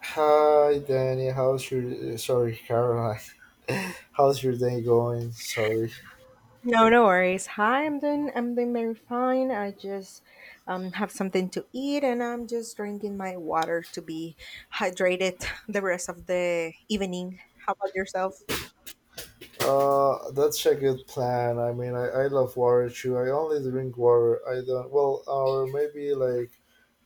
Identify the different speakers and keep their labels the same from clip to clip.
Speaker 1: Hi, Danny. How's your sorry, Caroline? How's your day going? Sorry.
Speaker 2: No, no worries. Hi, I'm doing very fine. I just have something to eat, and I'm just drinking my water to be hydrated the rest of the evening. How about yourself?
Speaker 1: That's a good plan. I mean, I love water too. I only drink water. I don't. Well, or maybe like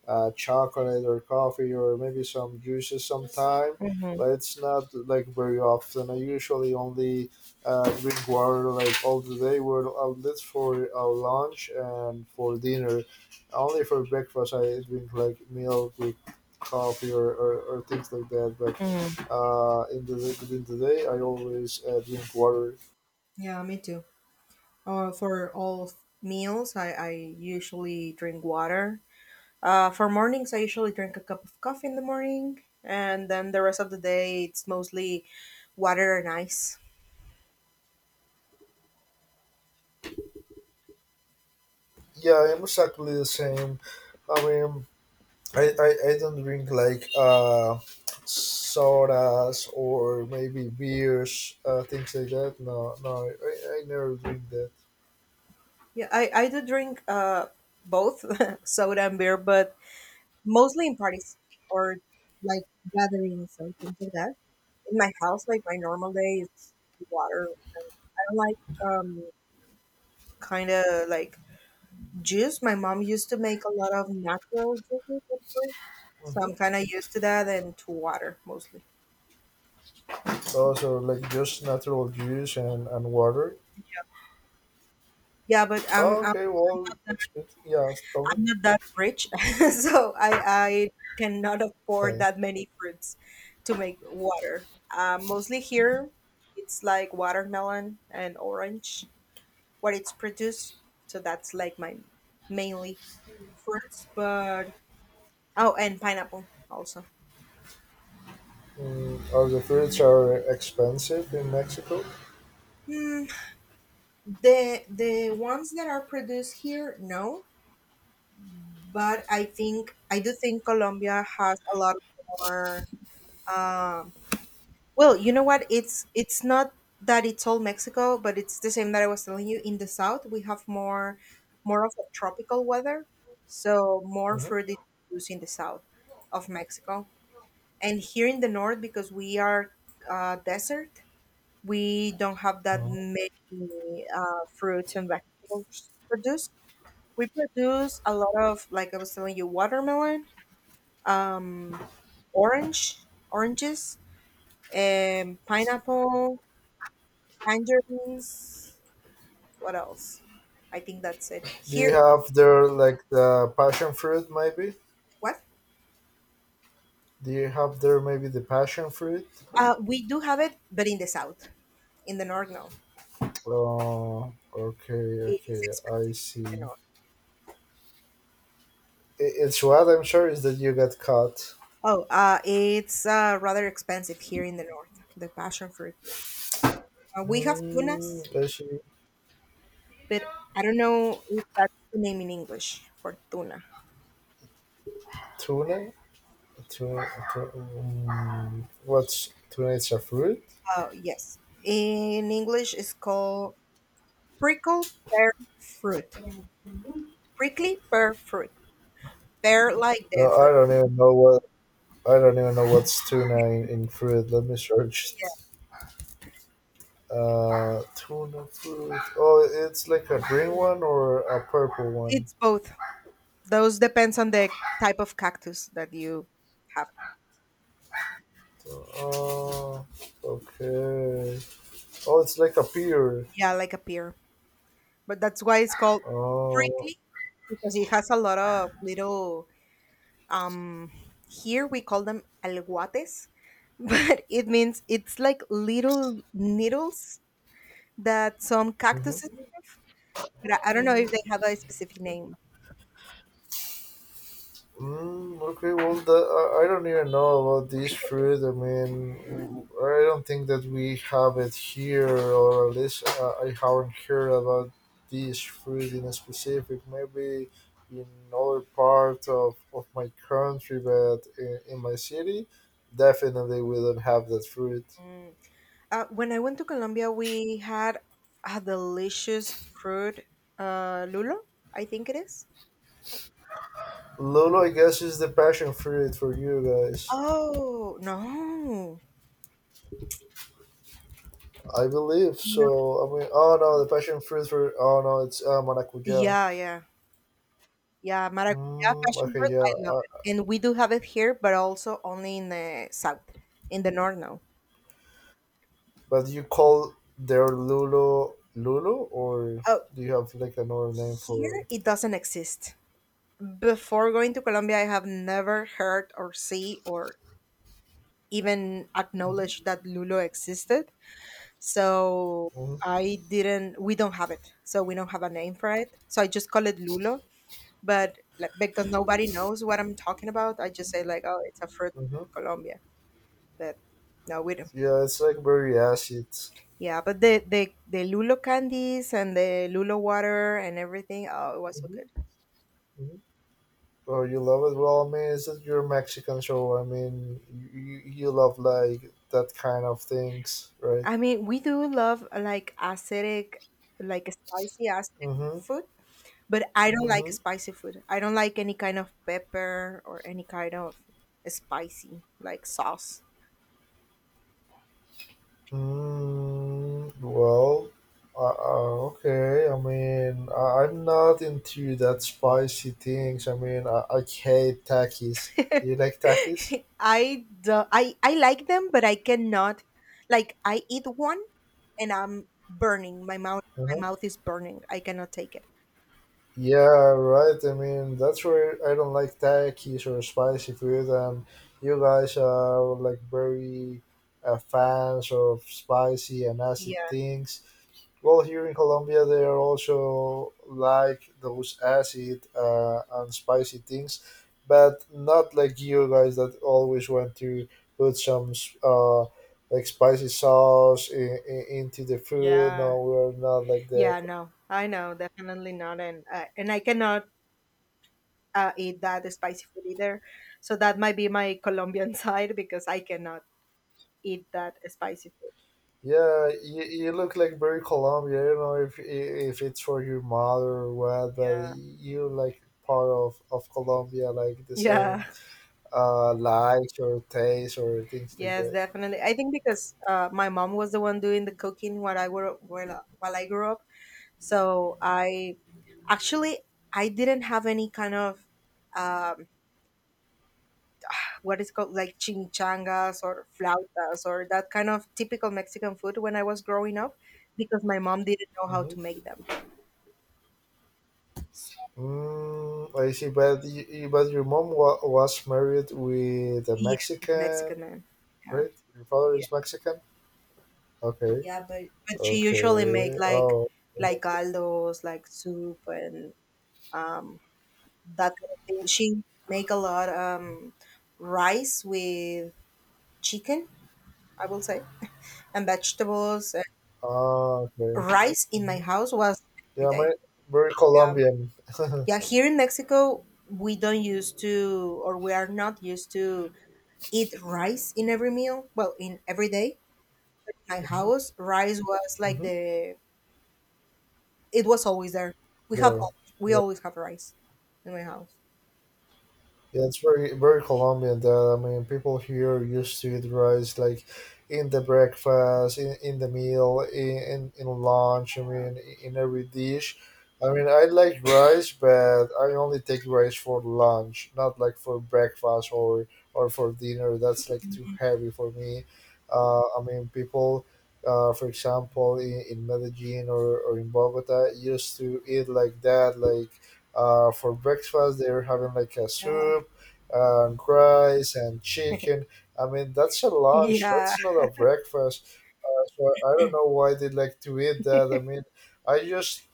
Speaker 1: chocolate or coffee or maybe some juices sometime,
Speaker 2: Mm-hmm.
Speaker 1: but it's not like very often. I usually only drink water like all the day. We're out this for our lunch and for dinner. Only for breakfast, I drink like milk with coffee or things like that. But
Speaker 2: hmm
Speaker 1: in the during the day, I always drink water.
Speaker 2: Yeah, me too. For all of meals, I usually drink water. For mornings, I usually drink a cup of coffee in the morning, and then the rest of the day, it's mostly water and ice.
Speaker 1: Yeah, I'm exactly the same. I mean, I don't drink like sodas or maybe beers, things like that. No, no, I never drink that.
Speaker 2: Yeah, I do drink both soda and beer, but mostly in parties or like gatherings or things like that. In my house, like my normal day is water. I don't like um kind of like juice. My mom used to make a lot of natural juices at first, so
Speaker 1: hmm
Speaker 2: I'm kind of used to that and to water mostly.
Speaker 1: So, so like just natural juice and water.
Speaker 2: Yeah,
Speaker 1: Oh, okay, well, that's good. Yeah, tell me.
Speaker 2: I'm not that rich, so I cannot afford
Speaker 1: Okay.
Speaker 2: that many fruits to make water. Mostly here, it's like watermelon and orange what it's produced. So that's like my mainly fruits, but oh, and pineapple also.
Speaker 1: Mm, are the fruits are expensive in Mexico?
Speaker 2: Hmm, the ones that are produced here, no, but I think I do think Colombia has a lot more. Um, well, you know what? It's not that it's all Mexico, but it's the same that I was telling you. In the south, we have more of a tropical weather, so more fruit
Speaker 1: hmm
Speaker 2: is produced in the south of Mexico. And here in the north, because we are desert, we don't have that many fruits and vegetables produced. We produce a lot of, like I was telling you, watermelon, um, orange oranges, pineapple, tangerines, what else? I think that's it
Speaker 1: Do you
Speaker 2: here.
Speaker 1: have there like the passion fruit maybe?
Speaker 2: What?
Speaker 1: Do you have there maybe the passion fruit?
Speaker 2: We do have it, but in the south. In the north, no.
Speaker 1: Oh, okay,
Speaker 2: It is
Speaker 1: okay, I
Speaker 2: expensive here
Speaker 1: see.
Speaker 2: in
Speaker 1: I-
Speaker 2: the north.
Speaker 1: It's what I'm sure is that you got caught.
Speaker 2: Oh, it's rather expensive here in the north, the passion fruit. We have
Speaker 1: Mm,
Speaker 2: tunas,
Speaker 1: actually,
Speaker 2: but I don't know if that's the name in English for tuna.
Speaker 1: tuna? Tuna? Tuna, mm, what's tuna? It's a fruit.
Speaker 2: Oh, yes. In English, it's called prickle pear fruit. Prickly pear fruit. Pear like
Speaker 1: No,
Speaker 2: the
Speaker 1: I
Speaker 2: fruit.
Speaker 1: don't even know what. I don't even know what's tuna in fruit. Let me search it. Tuna fruit. Oh, it's like a green one or a purple one.
Speaker 2: It's both. Those depends on the type of cactus that you have.
Speaker 1: Oh, okay. Oh, it's like a pear.
Speaker 2: Yeah, like a pear. But that's why it's called
Speaker 1: Oh,
Speaker 2: prickly, because it has a lot of little um here we call them alguates but it means it's like little needles that some cactuses,
Speaker 1: mhm.
Speaker 2: but I don't know if they have a specific name.
Speaker 1: Mm, okay, well, I don't even know about this fruit. I mean, I don't think that we have it here, or at least I haven't heard about this fruit in specific. Maybe in other part of my country, but in my city, definitely we don't have that fruit.
Speaker 2: Mm. When I went to Colombia, we had a delicious fruit, lulo, I think it is.
Speaker 1: Lolo, I guess, is the passion fruit for you guys.
Speaker 2: Oh, no.
Speaker 1: I believe
Speaker 2: No.
Speaker 1: so. I mean, oh no, the passion fruit for oh no, it's maracuja.
Speaker 2: Yeah, yeah, yeah, maracuyá,
Speaker 1: Mm,
Speaker 2: passion
Speaker 1: okay,
Speaker 2: fruit,
Speaker 1: yeah.
Speaker 2: I love
Speaker 1: Uh,
Speaker 2: it, and we do have it here, but also only in the south. In the north, now.
Speaker 1: but you call their Lulu Lulu, or
Speaker 2: Oh,
Speaker 1: do you have like another name
Speaker 2: here,
Speaker 1: for?
Speaker 2: it doesn't exist. Before going to Colombia, I have never heard or see or even acknowledged that lulo existed. So I didn't, we don't have it. So we don't have a name for it. So I just call it lulo. But like, because nobody knows what I'm talking about, I just say like, oh, it's a fruit
Speaker 1: Mm-hmm.
Speaker 2: in Colombia. But no, we don't.
Speaker 1: Yeah, it's like very acid.
Speaker 2: Yeah, but the lulo candies and the lulo water and everything, oh, it was so good.
Speaker 1: Mm-hmm. hmm Oh, you love it. Well, I mean, it's your Mexican show. I mean, you love like that kind of things, right?
Speaker 2: I mean, we do love like acidic, like spicy acidic
Speaker 1: Mm-hmm.
Speaker 2: food, but I don't like
Speaker 1: Mm-hmm.
Speaker 2: spicy food. I don't like any kind of pepper or any kind of spicy like sauce.
Speaker 1: Mm, well, okay. I mean, I'm not into that spicy things. I mean, I hate takis. Do you like takis?
Speaker 2: I do, I like them, but I cannot, like, I eat one and I'm burning. My mouth
Speaker 1: Uh-huh.
Speaker 2: my mouth is burning. I cannot take it.
Speaker 1: Yeah, right. I mean, that's where I don't like takis or spicy food, and you guys are like very fans of spicy and acid
Speaker 2: Yeah.
Speaker 1: things. Well, here in Colombia, they are also like those acid and spicy things, but not like you guys that always want to put some uh, like spicy sauce into the food.
Speaker 2: Yeah.
Speaker 1: No, we're not like that.
Speaker 2: Yeah, no, I know, definitely not, and I cannot eat that spicy food either. So that might be my Colombian side, because I cannot eat that spicy food.
Speaker 1: Yeah, you look like very Colombian. I don't know if it's for your mother or what, but
Speaker 2: Yeah.
Speaker 1: you like part of Colombia, like the
Speaker 2: Yeah.
Speaker 1: same likes or tastes or things like
Speaker 2: Yes,
Speaker 1: that.
Speaker 2: definitely. I think because my mom was the one doing the cooking while I grew up. So I actually I didn't have any kind of um, what is called like chimichangas or flautas or that kind of typical Mexican food when I was growing up, because my mom didn't know how to
Speaker 1: Mm-hmm.
Speaker 2: make them. So
Speaker 1: Mm, I see, but you, but your mom wa- was married with a
Speaker 2: yes, with the
Speaker 1: Mexican,
Speaker 2: Mexican man. Yeah.
Speaker 1: right? Your father
Speaker 2: Yeah,
Speaker 1: is Mexican. Okay,
Speaker 2: yeah, but but she usually make
Speaker 1: okay. Oh,
Speaker 2: like
Speaker 1: that's good.
Speaker 2: caldos, like soup and um that kind of thing. She make a lot rice with chicken, I will say, and vegetables. And
Speaker 1: Ah, okay.
Speaker 2: rice in
Speaker 1: hmm
Speaker 2: my house was every
Speaker 1: Yeah, my
Speaker 2: day.
Speaker 1: very
Speaker 2: Yeah.
Speaker 1: Colombian.
Speaker 2: Yeah, here in Mexico we don't used to, or we are not used to eat rice in every meal. Well, in every day. In my
Speaker 1: hmm
Speaker 2: house, rice was like
Speaker 1: hmm
Speaker 2: the, it was always there. We have
Speaker 1: Yeah,
Speaker 2: al- we
Speaker 1: yeah.
Speaker 2: always have rice in my house.
Speaker 1: Yeah, it's very very Colombian that I mean people here used to eat rice like in the breakfast, in the meal, in lunch, I mean in every dish. I mean I like rice but I only take rice for lunch, not like for breakfast or for dinner. That's like too heavy for me. I mean people for example in Medellin or in Bogota used to eat like that like for breakfast, they're having like a
Speaker 2: Yeah.
Speaker 1: soup and rice and chicken. I mean, that's a lunch.
Speaker 2: Yeah.
Speaker 1: That's not a breakfast. So I don't know why they like to eat that. I mean, I just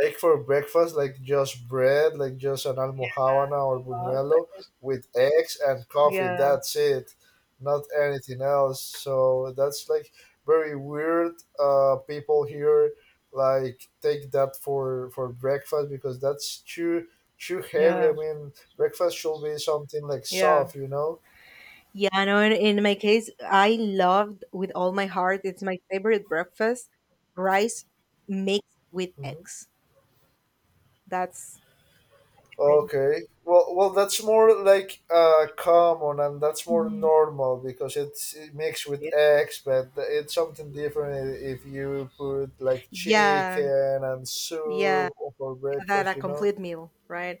Speaker 1: take for breakfast like just bread, like just an almohavana or
Speaker 2: But
Speaker 1: buñuelo with eggs and coffee.
Speaker 2: yeah.
Speaker 1: That's it, not anything else. So that's like very weird. People here like take that for breakfast because that's too too heavy. I
Speaker 2: Yeah.
Speaker 1: mean, breakfast should be something like
Speaker 2: Yeah.
Speaker 1: soft, you know.
Speaker 2: Yeah, no, in my case, I loved with all my heart. It's my favorite breakfast, rice mixed with
Speaker 1: Mhm.
Speaker 2: eggs. That's favorite.
Speaker 1: Okay. Well, well, that's more like common and that's more
Speaker 2: Mhm.
Speaker 1: normal because it's mixed with
Speaker 2: Yeah.
Speaker 1: eggs, but it's something different if you put like
Speaker 2: Yeah,
Speaker 1: chicken and
Speaker 2: yeah,
Speaker 1: soup for
Speaker 2: yeah, that
Speaker 1: breakfast,
Speaker 2: a
Speaker 1: you know?
Speaker 2: complete meal, right?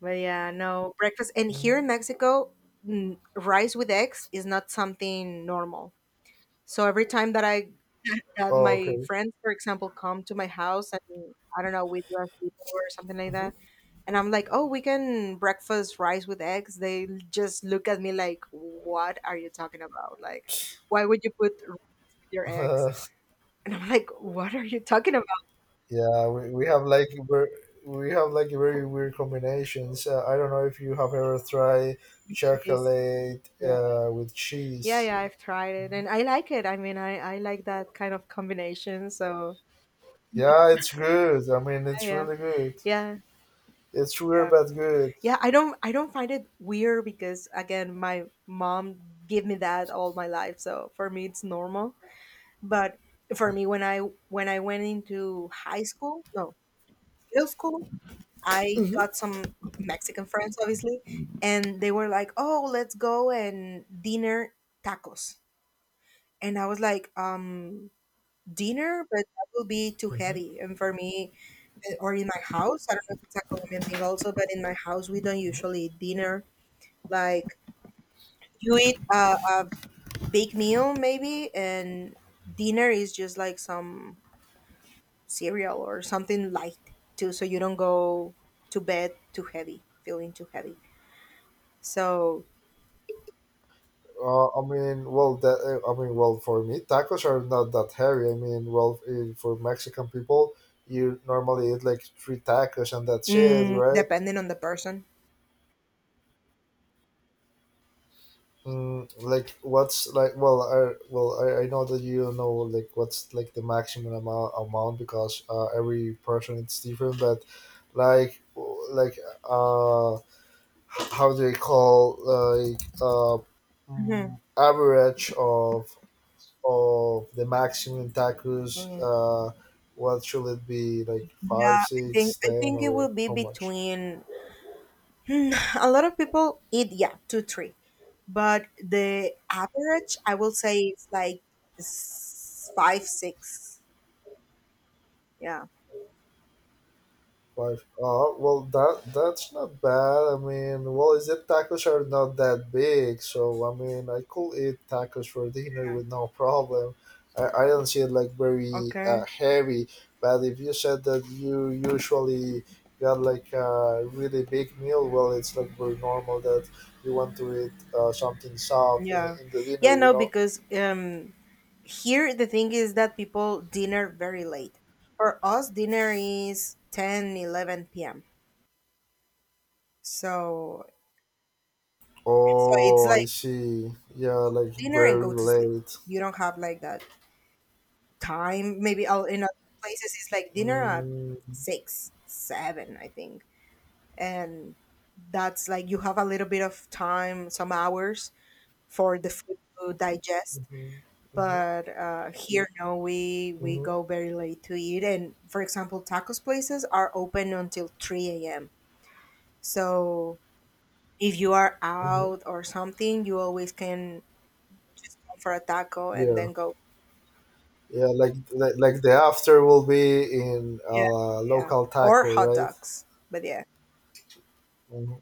Speaker 2: But yeah, no breakfast. And here
Speaker 1: hmm
Speaker 2: in Mexico, mm, rice with eggs is not something normal. So every time that I that
Speaker 1: Oh,
Speaker 2: my
Speaker 1: okay.
Speaker 2: friends, for example, come to my house and I don't know, we do a sleepover or something like
Speaker 1: hmm
Speaker 2: that, and I'm like, oh, we can breakfast rice with eggs. Just look at me like, what are you talking about? Like, why would you put rice with your eggs? And I'm like, what are you talking about?
Speaker 1: yeah, we have like ver- we have like very weird combinations. I don't know if you have ever tried
Speaker 2: Cheese.
Speaker 1: chocolate
Speaker 2: Yeah.
Speaker 1: with
Speaker 2: Yeah,
Speaker 1: cheese.
Speaker 2: yeah, I've tried it and I like it. I mean, I like that kind of combination. So
Speaker 1: Yeah, it's good. I mean,
Speaker 2: yeah,
Speaker 1: it's
Speaker 2: yeah,
Speaker 1: really good.
Speaker 2: yeah,
Speaker 1: It's rare
Speaker 2: yeah.
Speaker 1: but good.
Speaker 2: Yeah, I don't find it weird, because again, my mom gave me that all my life, so for me it's normal. But for me, when I went into high school, no, middle school, I got some Mexican friends, obviously, and they were like, oh, let's go and dinner tacos. And I was like, dinner, but that will be too heavy. And for me, or in my house, I don't know if it's a Colombian thing also, but in my house we don't usually eat dinner like, you eat a big meal maybe, and dinner is just like some cereal or something light too, so you don't go to bed too heavy, feeling too heavy. So
Speaker 1: I mean, well, that, I mean, well, for me, tacos are not that heavy. I mean, well, eh, for Mexican people, you normally eat like three tacos and that's it,
Speaker 2: mm,
Speaker 1: right?
Speaker 2: depending on the person.
Speaker 1: Mm, like, what's like? Well, I know that you don't know like what's like the maximum amount because every person it's different. But like, w- like, how do you call like
Speaker 2: Mhm.
Speaker 1: mm, average of the maximum tacos,
Speaker 2: Mm.
Speaker 1: what should it be? Like five,
Speaker 2: Yeah, I
Speaker 1: six,
Speaker 2: think I
Speaker 1: ten,
Speaker 2: think it
Speaker 1: or
Speaker 2: will be
Speaker 1: how much?
Speaker 2: between, hmm, a lot of people eat, yeah, two, three, but the average I will say is like five, six. Yeah.
Speaker 1: Five. Oh, well, that that's not bad. I mean, well, is it tacos are not that big, so I mean, I could eat tacos for dinner with no problem. I don't see it like very
Speaker 2: Okay.
Speaker 1: heavy, but if you said that you usually got like a really big meal, well, it's like very normal that you want to eat something soft
Speaker 2: Yeah.
Speaker 1: in the dinner,
Speaker 2: Yeah,
Speaker 1: you
Speaker 2: no,
Speaker 1: know.
Speaker 2: because here the thing is that people dinner very late. For us dinner is 10, 11 p.m. So so it's
Speaker 1: Oh, I
Speaker 2: like
Speaker 1: see. Yeah, like
Speaker 2: dinner and
Speaker 1: very
Speaker 2: go to sleep.
Speaker 1: late.
Speaker 2: You don't have like that time. Maybe all in other places it's like dinner at
Speaker 1: Mm-hmm.
Speaker 2: 6, 7, I think. And that's like you have a little bit of time, some hours for the food to digest.
Speaker 1: Mm-hmm. Mm-hmm.
Speaker 2: But here no, we
Speaker 1: Mm-hmm.
Speaker 2: go very late to eat, and for example tacos places are open until 3 a.m., so if you are
Speaker 1: hmm
Speaker 2: out or something you always can go for a taco and
Speaker 1: Yeah,
Speaker 2: then go.
Speaker 1: yeah, like the after will be in
Speaker 2: Yeah, yeah,
Speaker 1: local
Speaker 2: or
Speaker 1: taco,
Speaker 2: hot
Speaker 1: right?
Speaker 2: dogs, but yeah.
Speaker 1: Mhm.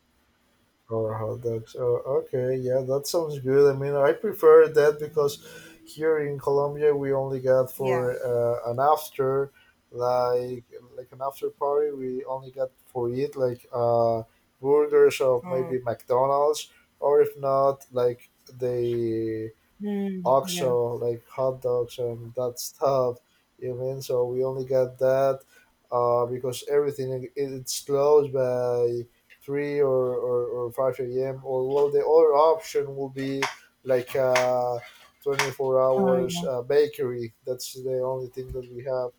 Speaker 1: Or hot dogs. Oh, okay, yeah, that sounds good. I mean, I prefer that because here in Colombia we only got
Speaker 2: Yeah.
Speaker 1: for an after, like like an after party. We only got for it like burgers of
Speaker 2: Mm.
Speaker 1: maybe McDonald's, or if not, like they
Speaker 2: Mm, yeah,
Speaker 1: auction, like hot dogs and that stuff. You mean so we only got that because everything like, it- it's closed by three or five a.m. Or well, the other option will be like 24 hours bakery. That's the only thing that we have.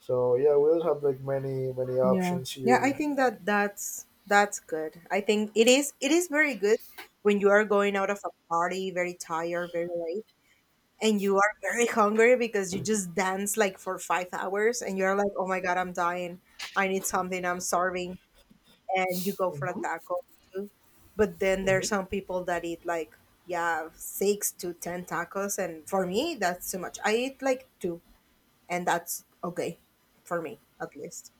Speaker 1: So yeah, we don't have like many many
Speaker 2: yeah
Speaker 1: options
Speaker 2: yeah i
Speaker 1: here.
Speaker 2: think that that's that's good. I think it is, it is very good when you are going out of a party, very tired, very late, and you are very hungry because you
Speaker 1: hmm
Speaker 2: just dance like for 5 hours and you're like, oh my God, I'm dying. I need something. I'm starving. And you go for a
Speaker 1: hmm
Speaker 2: taco too. But then there's
Speaker 1: hmm
Speaker 2: some people that eat like, yeah, six to 10 tacos. And for me, that's too much. I eat like two, and that's okay for me at least.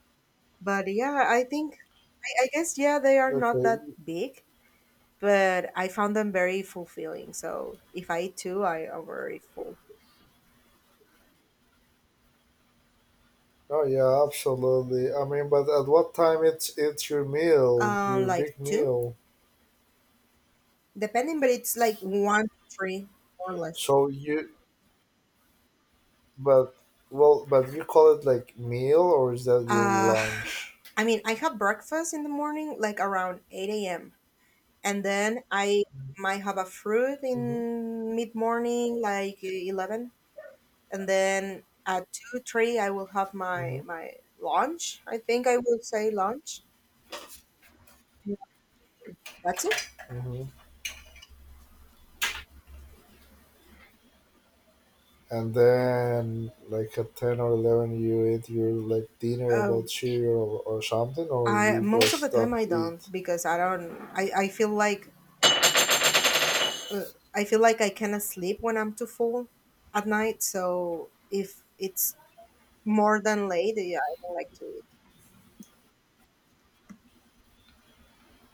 Speaker 2: But yeah, I think, I guess, yeah, they are not
Speaker 1: Okay.
Speaker 2: that big. But I found them very fulfilling. So if I eat two, I am very full.
Speaker 1: Oh yeah, absolutely. I mean, but at what time it's your meal, your
Speaker 2: Like
Speaker 1: big
Speaker 2: two,
Speaker 1: meal.
Speaker 2: depending, but it's like one to three or less.
Speaker 1: So you, but well, but you call it like meal, or is that your
Speaker 2: Uh,
Speaker 1: lunch?
Speaker 2: I mean, I have breakfast in the morning, like around 8 a.m. And then I might have a fruit
Speaker 1: Mm-hmm,
Speaker 2: in mid morning, like 11. And then at 2, 3, I will have
Speaker 1: mm-hmm,
Speaker 2: my lunch. I think I will say lunch. That's it.
Speaker 1: mm-hmm. And then like at 10 or 11, you eat your like dinner about
Speaker 2: Um,
Speaker 1: cereal or something, or
Speaker 2: I
Speaker 1: you
Speaker 2: most of the
Speaker 1: just
Speaker 2: time
Speaker 1: don't
Speaker 2: I don't,
Speaker 1: eat.
Speaker 2: because I don't, I feel like uh, I feel like I cannot sleep when I'm too full at night. So if it's more than late, yeah, I don't like to eat.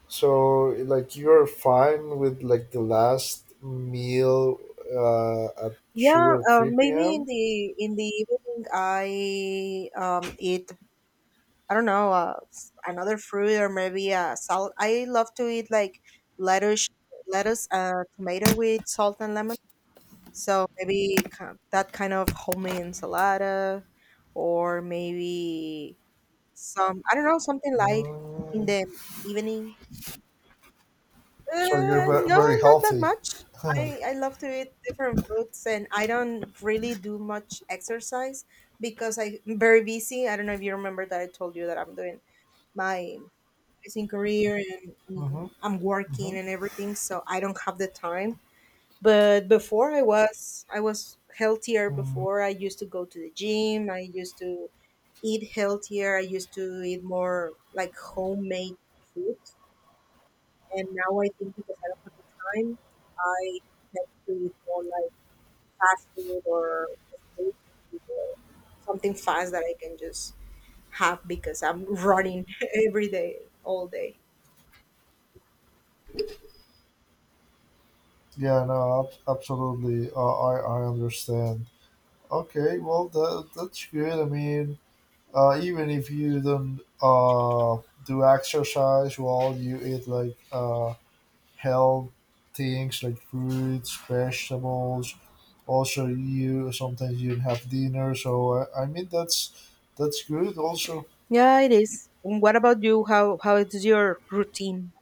Speaker 1: So like you're fine with like the last meal at two
Speaker 2: Yeah,
Speaker 1: or three
Speaker 2: maybe
Speaker 1: p.m.
Speaker 2: in the evening I eat. I don't know another fruit or maybe a salad. I love to eat like lettuce, lettuce, tomato with salt and lemon. So that kind of homemade ensalada, or maybe some, I don't know, something light in
Speaker 1: Mm,
Speaker 2: the evening.
Speaker 1: so you're ve-
Speaker 2: No,
Speaker 1: very
Speaker 2: not that
Speaker 1: healthy.
Speaker 2: much. I love to eat different foods, and I don't really do much exercise because I'm very busy. I don't know if you remember that I told you that I'm doing my nursing career and I'm working and everything, so I don't have the time. But before I was healthier.
Speaker 1: hmm
Speaker 2: Before I used to go to the gym, I used to eat healthier, I used to eat more like homemade food. And now I think because I don't have the time, I tend to eat more like fast food or street food or something fast that I can just have because I'm running every day, all day.
Speaker 1: Yeah, no, ab- absolutely. I understand. Okay, well that that's good. I mean, even if you don't do exercise, well, you eat like health things like fruits, vegetables. Also, you sometimes you have dinner. So I mean that's good. Also,
Speaker 2: Yeah, it is. And what about you, how is your routine?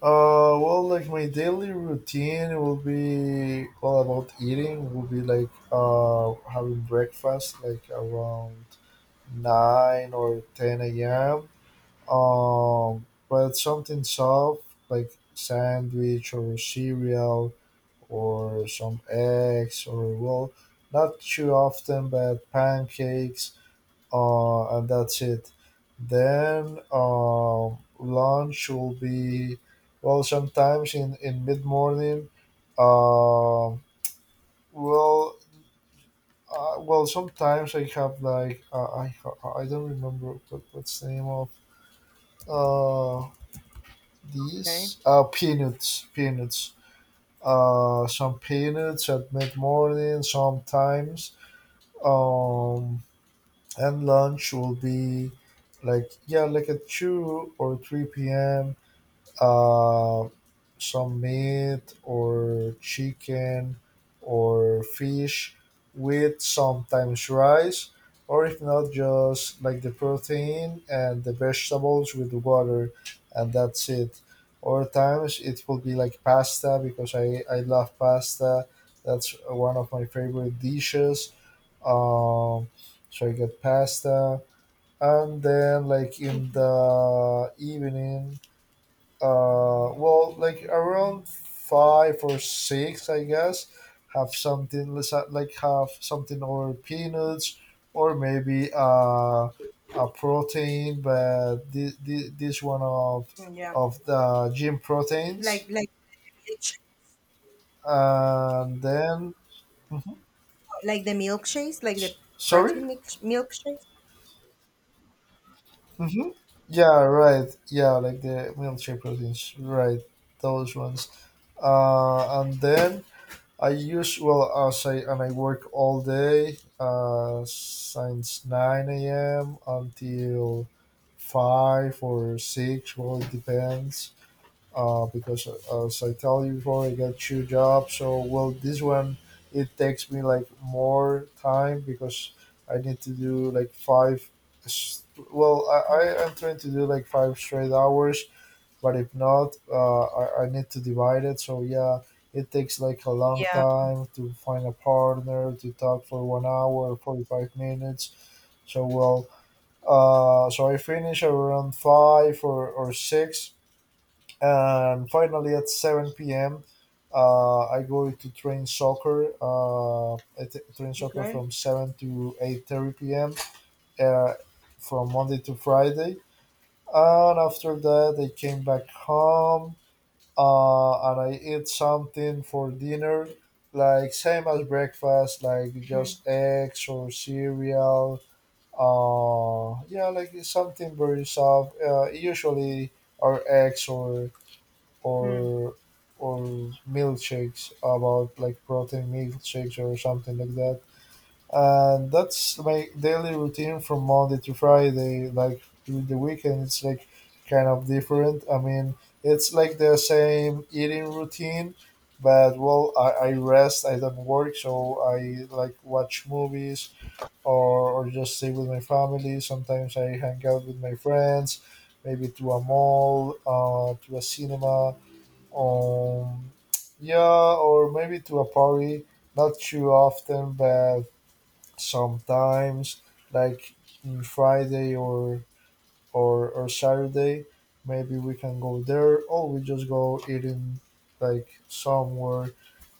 Speaker 1: uh, well, like my daily routine will be all about eating. Will be like having breakfast like around nine or ten a.m. But something soft like sandwich or cereal or some eggs or well, not too often, but pancakes and that's it. Then lunch will be well sometimes in mid morning. Um, well, well sometimes I have like I don't remember what, what's the name of uh
Speaker 2: Okay.
Speaker 1: these peanuts, some peanuts at mid morning sometimes um and lunch will be like yeah like at 2 or 3 p.m uh, some meat or chicken or fish with sometimes rice or if not just like the protein and the vegetables with water and that's it or times it will be like pasta because I love pasta. That's one of my favorite dishes. um so I get pasta and then like in
Speaker 2: Mhm.
Speaker 1: the evening well like around five or six I guess have something let's ha- like have something or peanuts or maybe a protein but this one
Speaker 2: Yeah.
Speaker 1: of the gym
Speaker 2: Like
Speaker 1: proteins
Speaker 2: like milkshake. Okay.
Speaker 1: and then mhm.
Speaker 2: Like the milkshakes, like the
Speaker 1: S- sorry.
Speaker 2: protein mix, milkshakes.
Speaker 1: Mm-hmm. Yeah, right. Yeah, like the military proteins. Right, those ones. And then I use well as I and I work all day since nine a.m. until five or six. Well, it depends because as I tell you before, I got two jobs. So well, this one it takes me like more time because I need to do like five. S- Well,
Speaker 2: Yeah.
Speaker 1: I am trying to do like five straight hours, but if not, I need to divide it. So yeah, it takes like a long
Speaker 2: Yeah.
Speaker 1: time to find a partner to talk for 1 hour, 45 minutes. So well, so I finish around five or six and finally at 7 p.m. I go to train soccer. Train soccer
Speaker 2: Okay.
Speaker 1: from 7 to 8:30 p.m., Uh, from Monday to Friday, and after that I came back home, and I eat something for dinner, like same as breakfast, like
Speaker 2: Mhm.
Speaker 1: just eggs or cereal. Yeah, like it's something very soft. Usually, or eggs or
Speaker 2: Hmm.
Speaker 1: or or milkshakes about like protein milkshakes or something like that. And that's my daily routine from Monday to Friday. Like during the weekend, it's like kind of different. I mean, it's like the same eating routine, but well, I rest. I don't work, so I like watch movies or just stay with my family. Sometimes I hang out with my friends, maybe to a mall, to a cinema um, yeah, or maybe to a party, not too often, but sometimes, like on Friday or or Saturday, maybe we can go there, or we just go eating like somewhere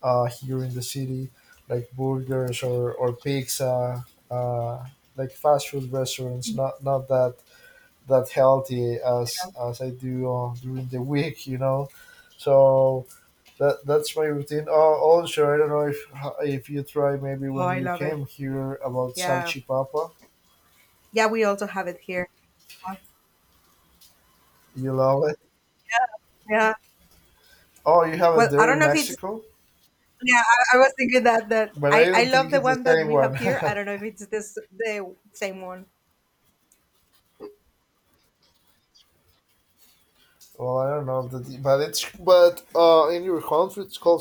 Speaker 1: here in the city, like burgers or pizza, like fast food restaurants. Not that healthy as I do during the week. So that's my routine. Oh, also, I don't know if you try maybe
Speaker 2: Oh,
Speaker 1: when
Speaker 2: I
Speaker 1: you
Speaker 2: love it.
Speaker 1: came here about
Speaker 2: Yeah.
Speaker 1: salchipapa,
Speaker 2: Yeah, we also have it here. Yeah.
Speaker 1: you love it.
Speaker 2: Yeah.
Speaker 1: Oh, you have it
Speaker 2: Well, I
Speaker 1: there
Speaker 2: don't
Speaker 1: in
Speaker 2: know if it's,
Speaker 1: Mexico,
Speaker 2: yeah, I was thinking that that
Speaker 1: but I
Speaker 2: I
Speaker 1: don't
Speaker 2: love
Speaker 1: think
Speaker 2: the
Speaker 1: it's the
Speaker 2: one that
Speaker 1: same
Speaker 2: we
Speaker 1: one.
Speaker 2: have here. I don't know if it's this the same one.
Speaker 1: Well, I don't know, if that, but it's but in your country it's called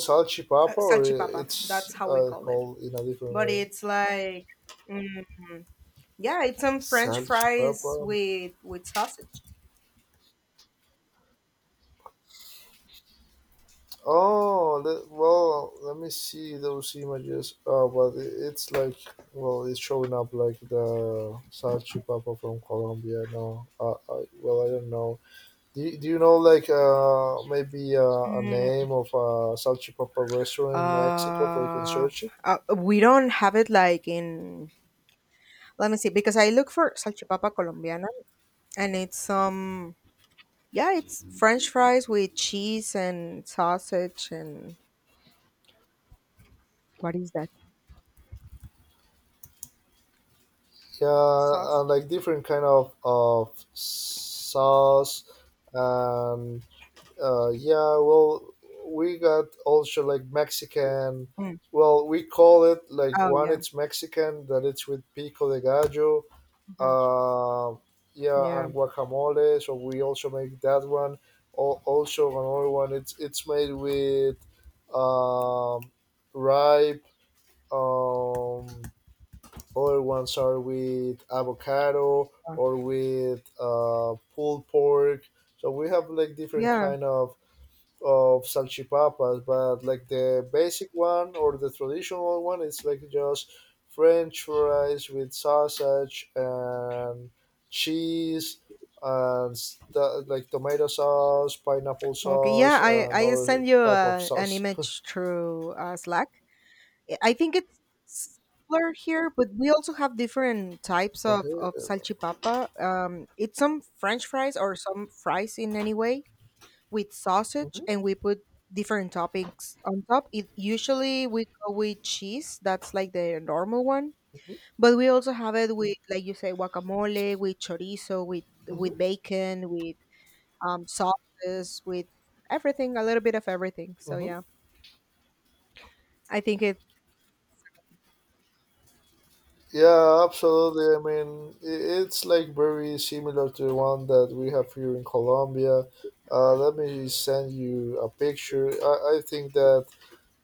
Speaker 1: salchipapa, or
Speaker 2: Salchipapa.
Speaker 1: it's
Speaker 2: That's how we call it.
Speaker 1: called in a different
Speaker 2: But
Speaker 1: way.
Speaker 2: it's like, yeah, it's some french
Speaker 1: Salchipapa.
Speaker 2: fries with sausage.
Speaker 1: Well, let me see those images. Oh, but it's like, well, it's showing up like the salchipapa from Colombia. No, well, I don't know. Do you know like maybe a name of a salchipapa restaurant in Mexico where you can
Speaker 2: Uh,
Speaker 1: search it?
Speaker 2: we don't have it like in. Let me see, because I look for salchipapa colombiana, and it's yeah, it's French fries with cheese and sausage. And what is that
Speaker 1: Yeah,
Speaker 2: sauce?
Speaker 1: and like different kind of sauce and yeah, well, we got also like Mexican.
Speaker 2: Mm.
Speaker 1: Well, we call it like
Speaker 2: Oh,
Speaker 1: one.
Speaker 2: yeah.
Speaker 1: It's Mexican that it's with pico de gallo.
Speaker 2: Hmm.
Speaker 1: Uh, yeah,
Speaker 2: Yeah.
Speaker 1: and guacamole. So we also make that one. Also another one. It's made with um, ripe. Um, Other ones are with avocado
Speaker 2: uh,
Speaker 1: or with pulled pork. So we have like different
Speaker 2: yeah.
Speaker 1: kind of salchipapas, but like the basic one or the traditional one, it's like just French fries with sausage and cheese and like tomato sauce, pineapple
Speaker 2: Okay, yeah.
Speaker 1: sauce,
Speaker 2: I
Speaker 1: and
Speaker 2: I
Speaker 1: other
Speaker 2: send you
Speaker 1: type of
Speaker 2: an
Speaker 1: sauce.
Speaker 2: image through Slack. I think it's similar here, but we also have different types of
Speaker 1: Okay.
Speaker 2: salchipapa. It's some French fries or some fries in any way with sausage, and
Speaker 1: hmm
Speaker 2: we put different toppings on top. It usually we go with cheese. That's like the normal one, but we also have it with, like you say, guacamole, with chorizo, with
Speaker 1: hmm
Speaker 2: bacon, with sauces, with everything, a little bit of everything. So
Speaker 1: hmm
Speaker 2: yeah, I think it.
Speaker 1: Yeah, absolutely. I mean, it's like very similar to the one that we have here in Colombia. Let me send you a picture. I think that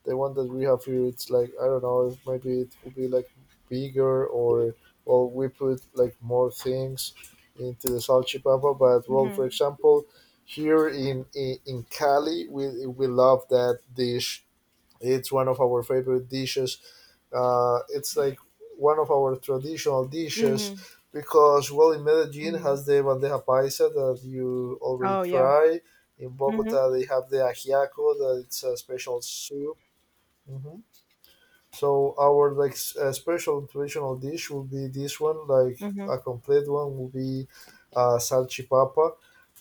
Speaker 1: the one that we have here it's like I don't know, maybe it will be like bigger or we put like more things into the salchipapa. But well, for
Speaker 2: Hmm.
Speaker 1: example, here in in Cali, we love that dish. It's one of our favorite dishes. It's like one of our traditional dishes, because well, in Medellin
Speaker 2: Hmm.
Speaker 1: has the bandeja paisa that you already
Speaker 2: Oh, yeah.
Speaker 1: try. In
Speaker 2: Mhm.
Speaker 1: Bogota they have the ajiaco that it's a special soup. Mhm. So our like special traditional dish will be this one, like
Speaker 2: Mhm.
Speaker 1: a complete one will be salchipapa.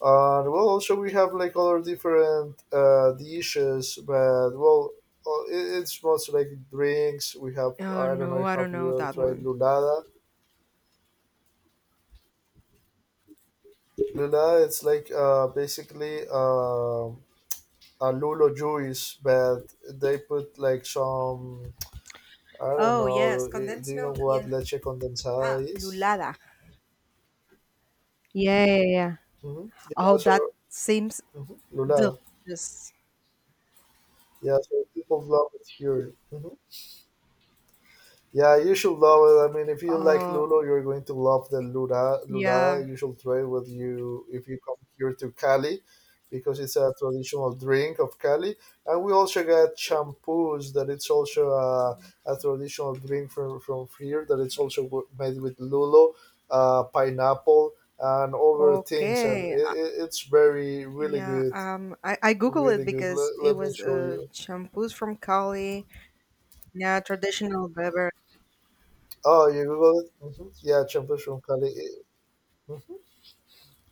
Speaker 1: Well, also we have like other different dishes, but well, it's mostly like drinks. We have,
Speaker 2: Oh
Speaker 1: I don't know
Speaker 2: no,
Speaker 1: if
Speaker 2: I
Speaker 1: have
Speaker 2: don't
Speaker 1: you
Speaker 2: know
Speaker 1: ever
Speaker 2: that
Speaker 1: tried
Speaker 2: one.
Speaker 1: lulada. Lula it's like basically a lulo juice, but they put like some, I don't
Speaker 2: Oh
Speaker 1: know.
Speaker 2: yes,
Speaker 1: Do
Speaker 2: condensed
Speaker 1: you know
Speaker 2: milk.
Speaker 1: what
Speaker 2: Yeah.
Speaker 1: leche condensada
Speaker 2: Ah,
Speaker 1: is?
Speaker 2: lulada. Yeah, yeah, yeah.
Speaker 1: Mm-hmm. Yeah,
Speaker 2: Oh, that
Speaker 1: so
Speaker 2: seems
Speaker 1: Mhm. Lula.
Speaker 2: delicious.
Speaker 1: Yeah, so people love it here. Hmm Yeah, you should love it. I mean, if you like
Speaker 2: Oh,
Speaker 1: Lulo, you're going to love the Lula.
Speaker 2: yeah.
Speaker 1: Lula, you should try with you if you come here to Cali, because it's a traditional drink of Cali. And we also got champus that it's also a traditional drink from here that it's also made with Lulo, pineapple, and other things, and
Speaker 2: Okay.
Speaker 1: it, it, it's very really
Speaker 2: Yeah.
Speaker 1: good.
Speaker 2: I Google it
Speaker 1: Really good.
Speaker 2: because
Speaker 1: Let,
Speaker 2: it
Speaker 1: let me
Speaker 2: was
Speaker 1: show you.
Speaker 2: shampoos from Cali. Yeah, traditional beverage.
Speaker 1: Oh, you Google it? Hmm Yeah, champus from Cali.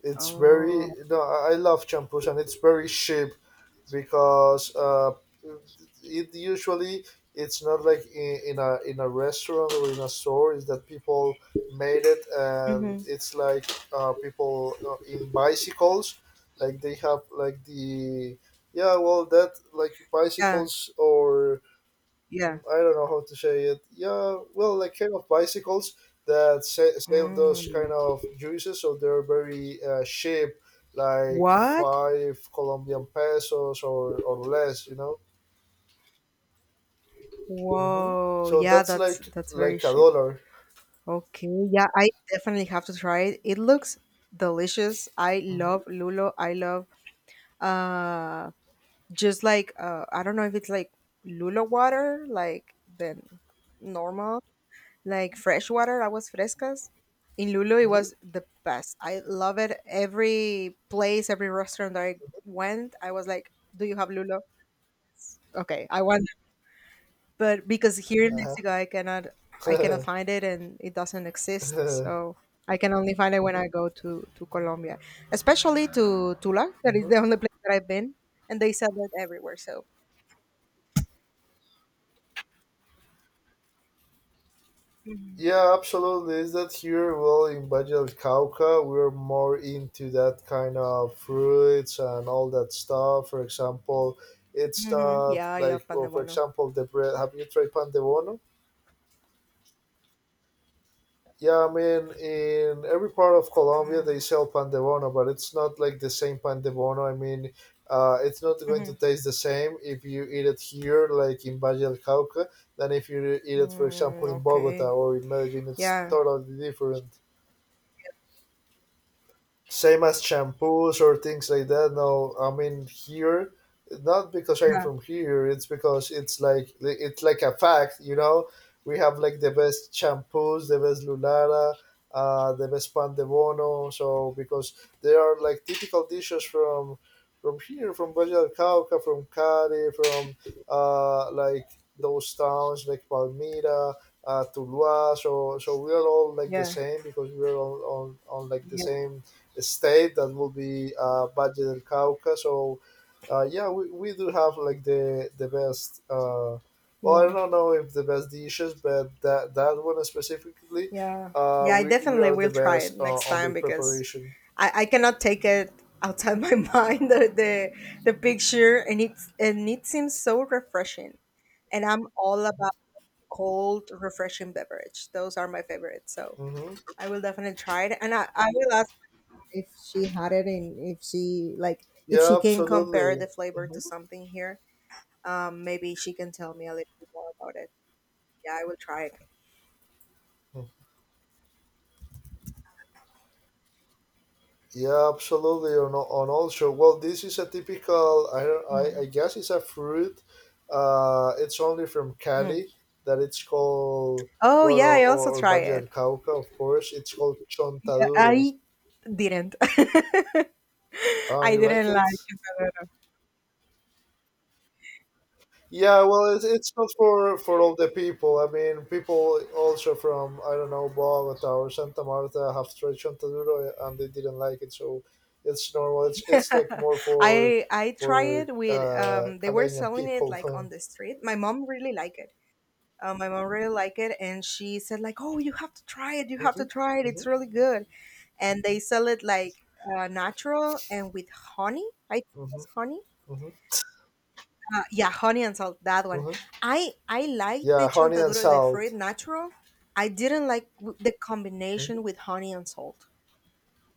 Speaker 1: It's very
Speaker 2: Oh.
Speaker 1: no. I love champus, and it's very cheap because it usually it's not like in a restaurant or in a store. Is that people made it, and
Speaker 2: Hmm.
Speaker 1: it's like people in bicycles, like they have like the yeah, well that like
Speaker 2: Yeah.
Speaker 1: bicycles or
Speaker 2: Yeah.
Speaker 1: I don't know how to say it. Yeah, well, like kind of bicycles that sell those kind
Speaker 2: Mm.
Speaker 1: of juices, so they're very cheap, like
Speaker 2: What?
Speaker 1: five Colombian pesos or less, you know. Hmm
Speaker 2: Whoa.
Speaker 1: So
Speaker 2: Yeah,
Speaker 1: that's
Speaker 2: that's that's
Speaker 1: like
Speaker 2: very
Speaker 1: a
Speaker 2: cheap.
Speaker 1: dollar.
Speaker 2: Okay, yeah, I definitely have to try it. It looks delicious. I
Speaker 1: Mm-hmm.
Speaker 2: love lulo. I love uh just like I don't know if it's like lulo water, like then normal, like fresh water, I was frescas. In Lulo it
Speaker 1: Mm-hmm.
Speaker 2: was the best. I love it. Every place, every restaurant that I went, I was like, "Do you have Lulo? Okay, I want." But because here in Mexico I cannot I
Speaker 1: Uh-huh.
Speaker 2: cannot find it and it doesn't exist. So I can only find it when I go to Colombia, especially to Tula. That is
Speaker 1: Mhm.
Speaker 2: the only place that I've been, and they sell it everywhere. So. Mhm.
Speaker 1: Yeah, absolutely. Is that here? Well, in Valle del Cauca, we're more into that kind of fruits and all that stuff. For example, it's
Speaker 2: Mhm.
Speaker 1: not
Speaker 2: Yeah, I
Speaker 1: like,
Speaker 2: love pan
Speaker 1: well,
Speaker 2: de
Speaker 1: for
Speaker 2: bono.
Speaker 1: example, the bread. Have you tried pan de bono? Yeah, I mean, in every part of Colombia,
Speaker 2: Mm.
Speaker 1: they sell pan de bono, but it's not like the same pan de bono. I mean, it's not going to
Speaker 2: Mhm.
Speaker 1: taste the same if you eat it here, like in Valle del Cauca, than if you eat it, for
Speaker 2: Mm,
Speaker 1: example, in Bogota
Speaker 2: okay.
Speaker 1: or in Medellin. It's
Speaker 2: Yeah.
Speaker 1: totally different. Same as shampoos or things like that. No, I mean here, not because I'm
Speaker 2: Yeah.
Speaker 1: from here. It's because it's like a fact, you know. We have like the best shampoos, the best Lulara, the best Pan de Bono. So because there are like typical dishes from here, from Valle del Cauca, from Cari, from like those towns like Palmira, Tuluá. So so we are all like the
Speaker 2: Yeah.
Speaker 1: same because we are all on like the
Speaker 2: Yeah.
Speaker 1: same state that will be Valle del Cauca. So, yeah, we do have like the best. Well, I
Speaker 2: Yeah.
Speaker 1: don't know if the best dishes, but that one specifically,
Speaker 2: Yeah. Yeah, I
Speaker 1: we
Speaker 2: definitely
Speaker 1: are the
Speaker 2: will try
Speaker 1: best
Speaker 2: it next
Speaker 1: on their
Speaker 2: time because
Speaker 1: preparation.
Speaker 2: I cannot take it outside my mind, the picture, and it seems so refreshing. And I'm all about cold, refreshing beverage. Those are my favorites. So
Speaker 1: Hmm
Speaker 2: I will definitely try it. And I will ask if she had it and if she like if
Speaker 1: Yeah,
Speaker 2: she can compare
Speaker 1: absolutely.
Speaker 2: the flavor
Speaker 1: Hmm
Speaker 2: to something here. Maybe she can tell me a little bit more about it. Yeah, I will try it.
Speaker 1: Yeah, absolutely. On, on also, well, this is a typical. I don't. I
Speaker 2: Mm,
Speaker 1: guess it's a fruit. It's only from
Speaker 2: mm.
Speaker 1: Cali that it's called.
Speaker 2: Oh
Speaker 1: Well,
Speaker 2: yeah, I also
Speaker 1: or
Speaker 2: try
Speaker 1: Valle del
Speaker 2: it.
Speaker 1: Cauca, of course. It's called chontaduro.
Speaker 2: I didn't.
Speaker 1: Ah,
Speaker 2: I
Speaker 1: you like
Speaker 2: didn't like
Speaker 1: it?
Speaker 2: it. No, no, no.
Speaker 1: Yeah, well, it's not for for all the people. I mean, people also from I don't know Bogota or Santa Marta have tried Chontaduro, and they didn't like it, so it's normal. It's like more
Speaker 2: I
Speaker 1: for
Speaker 2: tried it with they were
Speaker 1: Calenian
Speaker 2: selling it
Speaker 1: people.
Speaker 2: like on the street. My mom really liked it. My mom really liked it and she said like, "Oh, you have to try it. You
Speaker 1: Huh?
Speaker 2: have to
Speaker 1: hmm
Speaker 2: try it. It's
Speaker 1: hmm
Speaker 2: really good." And they sell it like natural and with honey. I think
Speaker 1: hmm
Speaker 2: it was honey.
Speaker 1: hmm
Speaker 2: Yeah, honey and salt, that one.
Speaker 1: hmm
Speaker 2: I liked
Speaker 1: Yeah,
Speaker 2: the
Speaker 1: honey and
Speaker 2: chontaduro de fruit
Speaker 1: salt.
Speaker 2: natural. I didn't like the
Speaker 1: Hmm
Speaker 2: combination with honey and salt.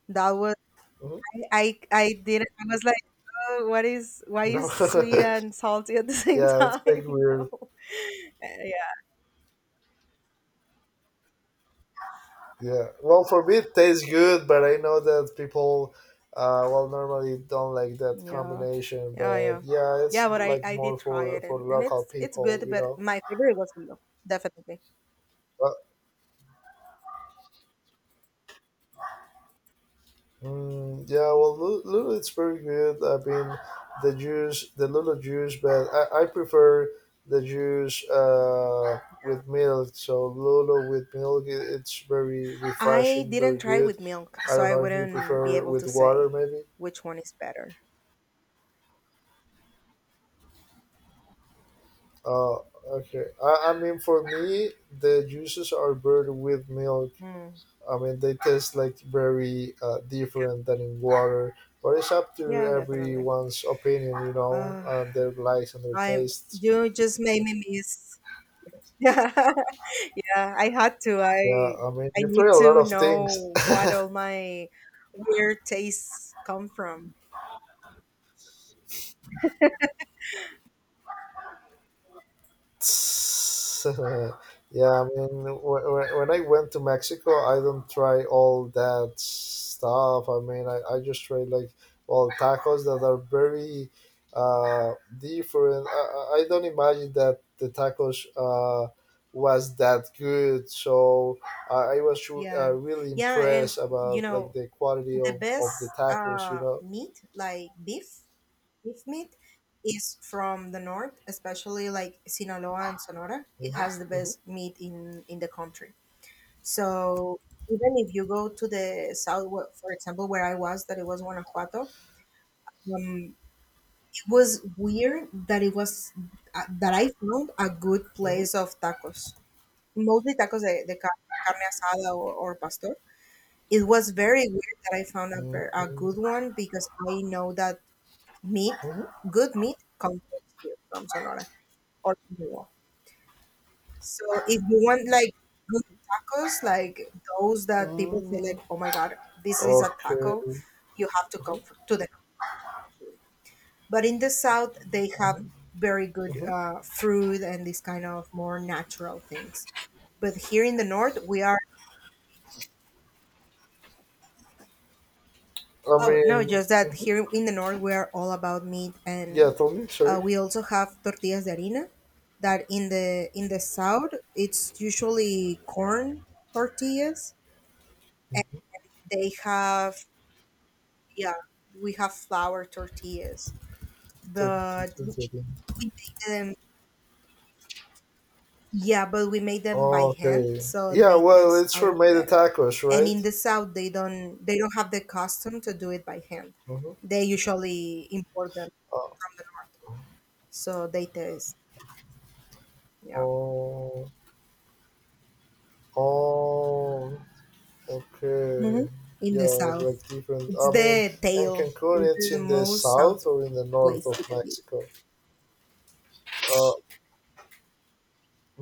Speaker 2: That was
Speaker 1: hmm
Speaker 2: I did not. I was like, oh, what is why
Speaker 1: No.
Speaker 2: is sweet and salty at the same
Speaker 1: Yeah, it's like
Speaker 2: time?
Speaker 1: weird.
Speaker 2: No. Yeah.
Speaker 1: Yeah. Well, for me, it tastes good, but I know that people, well, normally don't like that
Speaker 2: Yeah.
Speaker 1: combination.
Speaker 2: Yeah,
Speaker 1: But
Speaker 2: yeah.
Speaker 1: yeah, it's
Speaker 2: Yeah, but I
Speaker 1: like
Speaker 2: I
Speaker 1: more
Speaker 2: did try it,
Speaker 1: for
Speaker 2: and and
Speaker 1: local
Speaker 2: it's it's
Speaker 1: people,
Speaker 2: good,
Speaker 1: you
Speaker 2: but
Speaker 1: know.
Speaker 2: my favorite was with milk, definitely.
Speaker 1: But mm, yeah, well, Lulu, it's very good. I mean, the juice, the Lulu juice, but I prefer the juice with milk. So Lulu with milk, it's very
Speaker 2: I
Speaker 1: refreshing, very
Speaker 2: didn't try
Speaker 1: good.
Speaker 2: with milk,
Speaker 1: I
Speaker 2: so
Speaker 1: don't
Speaker 2: I
Speaker 1: know if you
Speaker 2: wouldn't be
Speaker 1: prefer
Speaker 2: able
Speaker 1: with
Speaker 2: to
Speaker 1: water,
Speaker 2: say
Speaker 1: maybe.
Speaker 2: which one is better.
Speaker 1: Oh, okay. I mean, for me, the juices are brewed with milk.
Speaker 2: Mm.
Speaker 1: I mean, they taste like very different than in water, but it's up to
Speaker 2: Yeah, definitely.
Speaker 1: everyone's opinion, you know,
Speaker 2: Uh,
Speaker 1: their likes and their
Speaker 2: I'm
Speaker 1: tastes.
Speaker 2: You just made me miss. Yeah. Yeah, I had to.
Speaker 1: Yeah,
Speaker 2: I
Speaker 1: I mean,
Speaker 2: I
Speaker 1: you try
Speaker 2: need
Speaker 1: a lot
Speaker 2: to
Speaker 1: of things.
Speaker 2: know what all my weird tastes come from.
Speaker 1: Yeah, I mean, when I went to Mexico, I don't try all that stuff. I mean, I just try like all tacos that are very different. I don't imagine that the tacos was that good. So I was
Speaker 2: Yeah.
Speaker 1: really
Speaker 2: Yeah, and
Speaker 1: impressed
Speaker 2: you
Speaker 1: about like
Speaker 2: know,
Speaker 1: the quality
Speaker 2: the
Speaker 1: of the
Speaker 2: best
Speaker 1: tacos, you know.
Speaker 2: meat, like beef meat, is from the north, especially like Sinaloa and Sonora. It
Speaker 1: Mhm,
Speaker 2: has the
Speaker 1: mhm,
Speaker 2: best meat in the country. So even if you go to the south, for example, where I was, that it was Guanajuato, um, was weird that it was that I found a good
Speaker 1: mhm,
Speaker 2: place of tacos, mostly tacos de carne asada, or pastor. It was very weird that I found a
Speaker 1: mhm,
Speaker 2: good one because I know that meat,
Speaker 1: mhm,
Speaker 2: good meat, comes from here, from Sonora or Sinaloa. So if you want like good tacos, like those that people say
Speaker 1: mhm.
Speaker 2: like, "Oh my god, this is a
Speaker 1: Okay.
Speaker 2: taco,"
Speaker 1: Mm-hmm.
Speaker 2: you have to come to the. But in the south, they have
Speaker 1: Mhm.
Speaker 2: very good
Speaker 1: Mhm.
Speaker 2: fruit and these kind of more natural things. But here in the north we are,
Speaker 1: I
Speaker 2: oh no,
Speaker 1: mean,
Speaker 2: just that
Speaker 1: mhm.
Speaker 2: here in the north we are all about meat,
Speaker 1: Yeah,
Speaker 2: and
Speaker 1: tell me, sorry.
Speaker 2: we also have tortillas de harina. That in the south, it's usually corn tortillas, and they have, yeah, we have flour tortillas, but
Speaker 1: Tell
Speaker 2: we
Speaker 1: me again.
Speaker 2: make them. Yeah, but we made them by hand,
Speaker 1: Okay.
Speaker 2: so
Speaker 1: Yeah,
Speaker 2: they
Speaker 1: well,
Speaker 2: taste
Speaker 1: it's
Speaker 2: a
Speaker 1: for
Speaker 2: lot
Speaker 1: made the
Speaker 2: better.
Speaker 1: tacos,
Speaker 2: And in
Speaker 1: right?
Speaker 2: the south, they don't have the custom to do it by hand.
Speaker 1: Mm-hmm.
Speaker 2: They usually import them from the north, so they taste, yeah.
Speaker 1: Oh, oh,
Speaker 2: Hmm.
Speaker 1: okay.
Speaker 2: In
Speaker 1: Yeah,
Speaker 2: the south,
Speaker 1: like different.
Speaker 2: it's
Speaker 1: I mean,
Speaker 2: the
Speaker 1: and
Speaker 2: tail. It's
Speaker 1: Cancun, it's
Speaker 2: the
Speaker 1: in the
Speaker 2: most
Speaker 1: south
Speaker 2: south
Speaker 1: or in the north
Speaker 2: place you
Speaker 1: of
Speaker 2: can be.
Speaker 1: Mexico? Uh,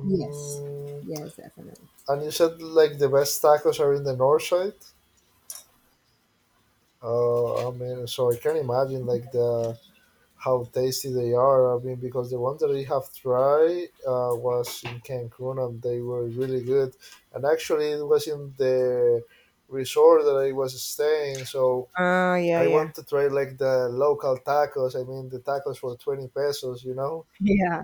Speaker 2: Yes. Yes, definitely.
Speaker 1: and you said like the best tacos are in the north side? I mean, so I can imagine like the how tasty they are. I mean, because the ones that I have tried was in Cancun and they were really good. And actually, it was in the resort that I was staying, so
Speaker 2: Ah, yeah,
Speaker 1: I
Speaker 2: yeah.
Speaker 1: want to try like the local tacos. I mean, the tacos for 20 pesos, you know,
Speaker 2: Yeah.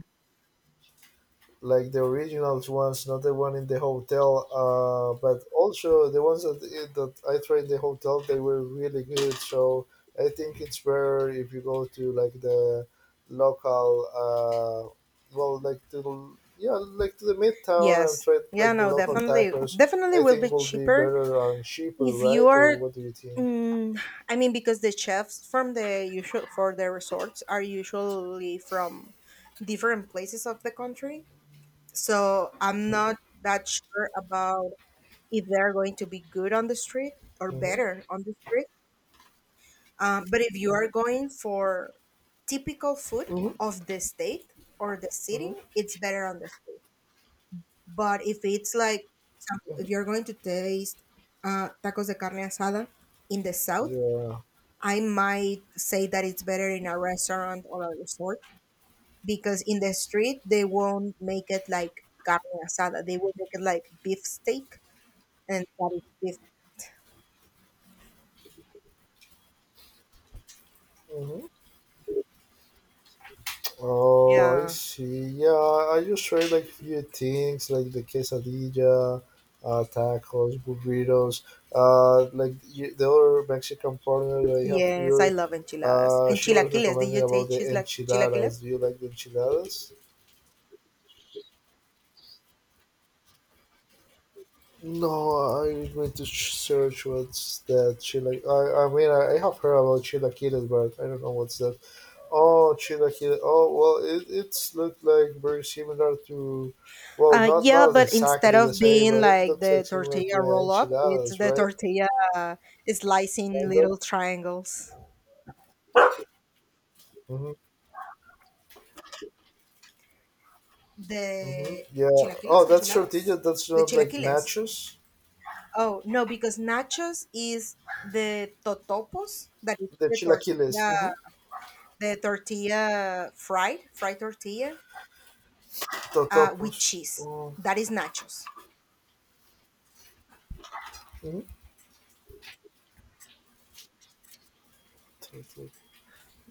Speaker 1: like the original ones, not the one in the hotel. But also the ones that that I tried in the hotel, they were really good. So I think it's better if you go to like the local, uh, well, like to yeah, like to the midtown and
Speaker 2: Yes.
Speaker 1: try
Speaker 2: Yeah,
Speaker 1: like the
Speaker 2: no,
Speaker 1: local
Speaker 2: definitely.
Speaker 1: tacos.
Speaker 2: Definitely
Speaker 1: I
Speaker 2: will
Speaker 1: think
Speaker 2: be
Speaker 1: will be
Speaker 2: cheaper
Speaker 1: better and cheaper,
Speaker 2: if you
Speaker 1: right? Or
Speaker 2: are.
Speaker 1: what do you think?
Speaker 2: Mm, I mean, because the chefs from the usual for the resorts are usually from different places of the country, so I'm not that sure about if they're going to be good on the street or
Speaker 1: Mm-hmm.
Speaker 2: better on the street. But if you are going for typical food
Speaker 1: Mhm.
Speaker 2: of the state or the
Speaker 1: Mm-hmm.
Speaker 2: city, it's better on the street. But if it's like, for example, if you're going to taste tacos de carne asada in the south,
Speaker 1: Yeah.
Speaker 2: I might say that it's better in a restaurant or a resort because in the street they won't make it like carne asada. They will make it like beef steak, and that is beef.
Speaker 1: Mm-hmm. Oh, I
Speaker 2: Yeah.
Speaker 1: see. Yeah, I just try like few things like the quesadilla, tacos, burritos. Like the other Mexican partner that I have
Speaker 2: Yes, I
Speaker 1: here,
Speaker 2: love enchiladas. And
Speaker 1: she was
Speaker 2: chilaquiles. Did
Speaker 1: recommending
Speaker 2: you
Speaker 1: about
Speaker 2: taste
Speaker 1: the
Speaker 2: cheese like
Speaker 1: enchiladas.
Speaker 2: chilaquiles?
Speaker 1: Do you like the enchiladas? No, I'm going to search what's that. Chila. I mean, I have heard about chilaquiles, but I don't know what's that. Oh, Chila Kill. Oh, well, it's looked like very similar to, well, not
Speaker 2: Yeah,
Speaker 1: not
Speaker 2: but instead
Speaker 1: exactly the
Speaker 2: of
Speaker 1: same,
Speaker 2: being
Speaker 1: but it
Speaker 2: like
Speaker 1: looks like
Speaker 2: the
Speaker 1: similar
Speaker 2: tortilla
Speaker 1: to
Speaker 2: roll up, it's
Speaker 1: enchiladas,
Speaker 2: the
Speaker 1: right?
Speaker 2: tortilla, uh, slicing
Speaker 1: Kind of.
Speaker 2: little triangles.
Speaker 1: Mm-hmm, mm-hmm.
Speaker 2: The
Speaker 1: Yeah. Oh,
Speaker 2: chilaquiles,
Speaker 1: that's tortilla.
Speaker 2: enchiladas?
Speaker 1: That's
Speaker 2: The
Speaker 1: not like
Speaker 2: chilaquiles.
Speaker 1: nachos.
Speaker 2: Oh, no, because nachos is the totopos, that is
Speaker 1: The chilaquiles. Mm-hmm.
Speaker 2: fried tortilla, with
Speaker 1: Totopos.
Speaker 2: cheese.
Speaker 1: Oh.
Speaker 2: That is nachos.
Speaker 1: Mhm. Toto-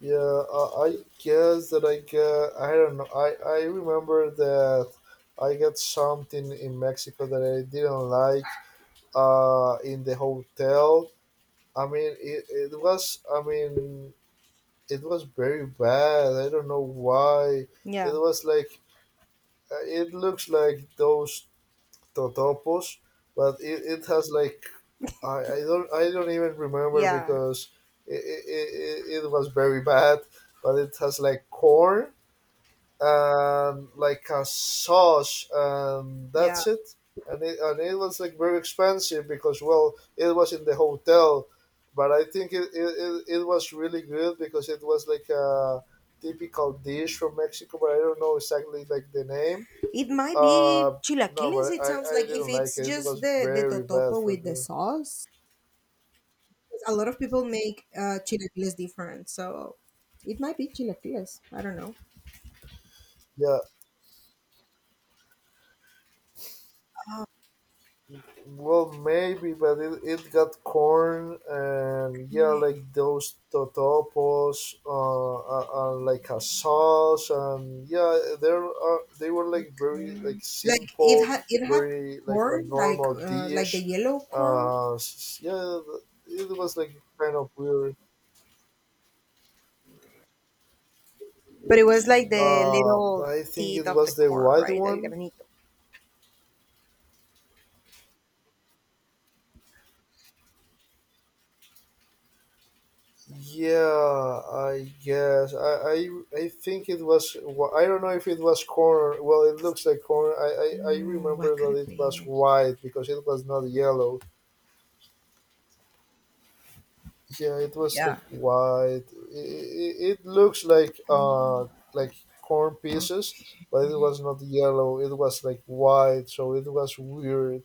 Speaker 1: Yeah. I guess that I get. I don't know. I remember that I got something in Mexico that I didn't like, in the hotel. I mean, it was, I mean, it was very bad. I don't know why. It
Speaker 2: Yeah,
Speaker 1: was like, it looks like those totopos, but it has like, I don't even remember
Speaker 2: yeah,
Speaker 1: because it was very bad, but it has like corn and like a sauce, and
Speaker 2: yeah.
Speaker 1: that's it. And it was like very expensive because, well, it was in the hotel, but I think it was really good because it was like a typical dish from Mexico, but I don't know exactly like the name.
Speaker 2: It might
Speaker 1: uh
Speaker 2: be
Speaker 1: no,
Speaker 2: chilaquiles,
Speaker 1: but
Speaker 2: it
Speaker 1: i
Speaker 2: sounds
Speaker 1: i
Speaker 2: like, if
Speaker 1: didn't like
Speaker 2: it's
Speaker 1: it. It
Speaker 2: just
Speaker 1: was
Speaker 2: the
Speaker 1: very bad
Speaker 2: totopo
Speaker 1: for
Speaker 2: with the
Speaker 1: me.
Speaker 2: sauce. A lot of people make chilaquiles different, so it might be chilaquiles. I don't know.
Speaker 1: Yeah. Well, maybe, but it got corn and, yeah,
Speaker 2: Yeah.
Speaker 1: like those totopos, like a sauce, and, yeah, there are they were like very like
Speaker 2: Like it
Speaker 1: simple,
Speaker 2: had it had
Speaker 1: very like a
Speaker 2: corn,
Speaker 1: normal
Speaker 2: like the
Speaker 1: dish.
Speaker 2: yellow corn.
Speaker 1: Yeah, it was like kind of weird.
Speaker 2: But it was like the little
Speaker 1: I think
Speaker 2: teeth
Speaker 1: it
Speaker 2: of the
Speaker 1: was the
Speaker 2: corn,
Speaker 1: white
Speaker 2: right? El
Speaker 1: one.
Speaker 2: granito.
Speaker 1: Yeah, I guess I think it was I don't know if it was corn. Well, it looks like corn. I
Speaker 2: Mm,
Speaker 1: remember
Speaker 2: what could
Speaker 1: that
Speaker 2: it
Speaker 1: it was
Speaker 2: be?
Speaker 1: white because it was not yellow. Yeah, it was like
Speaker 2: Yeah.
Speaker 1: white. It looks like corn
Speaker 2: Oh.
Speaker 1: pieces, but it was not yellow. It was like white, so it was weird.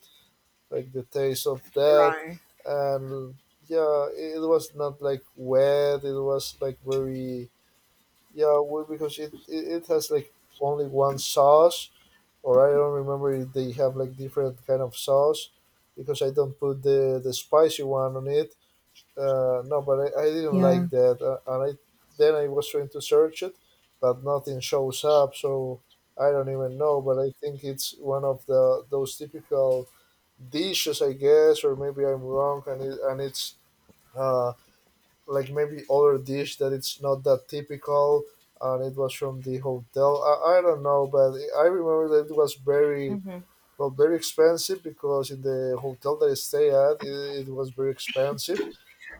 Speaker 1: Like the taste of that,
Speaker 2: Right.
Speaker 1: and, yeah, it was not like wet. It was like very. Yeah, well, because it has like only one sauce, or I don't remember if they have like different kind of sauce, because I don't put the spicy one on it. No, but I didn't
Speaker 2: Yeah.
Speaker 1: like that, and I then I was trying to search it, but nothing shows up, so I don't even know. But I think it's one of the those typical dishes, I guess, or maybe I'm wrong, and it's uh, like maybe other dish that it's not that typical, and it was from the hotel. I don't know, but I remember that it was very,
Speaker 2: Hmm.
Speaker 1: well, very expensive, because in the hotel that I stay at, it was very expensive,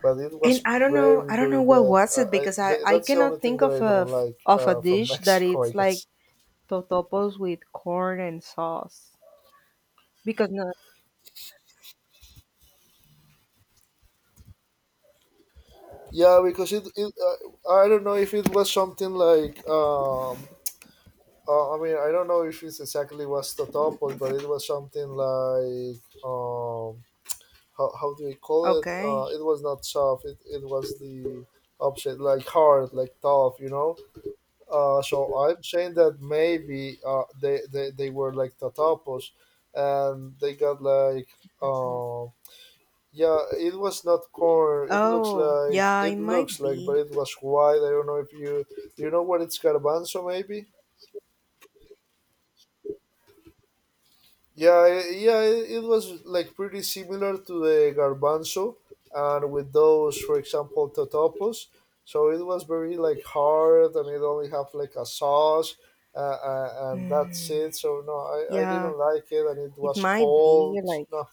Speaker 1: but it
Speaker 2: And
Speaker 1: was
Speaker 2: I don't know,
Speaker 1: very
Speaker 2: I don't know
Speaker 1: very
Speaker 2: what
Speaker 1: bad.
Speaker 2: was it because I I
Speaker 1: That's the only
Speaker 2: cannot
Speaker 1: thing
Speaker 2: think
Speaker 1: that
Speaker 2: of
Speaker 1: I don't like,
Speaker 2: of a
Speaker 1: from
Speaker 2: dish that
Speaker 1: Mexico, I
Speaker 2: it's
Speaker 1: guess.
Speaker 2: like totopos with corn and sauce because no.
Speaker 1: Yeah, because it I don't know if it was something like, I don't know if it's exactly was the top, but it was something like, how, do we call it?
Speaker 2: Okay.
Speaker 1: It was not soft. It was the opposite, like hard, like tough. You know. So I'm saying that maybe, they were like tatapos, and they got like, yeah, it was not corn. It looks
Speaker 2: Oh,
Speaker 1: like,
Speaker 2: yeah, it might
Speaker 1: but
Speaker 2: be.
Speaker 1: it was white. I don't know if you. You know what, it's garbanzo maybe. Yeah, yeah, it was like pretty similar to the garbanzo, and with those, for example, totopos. So it was very like hard, and it only have like a sauce, and that's it. So no, I
Speaker 2: Yeah,
Speaker 1: didn't like it, and it
Speaker 2: it
Speaker 1: was
Speaker 2: might
Speaker 1: cold.
Speaker 2: be like,
Speaker 1: No,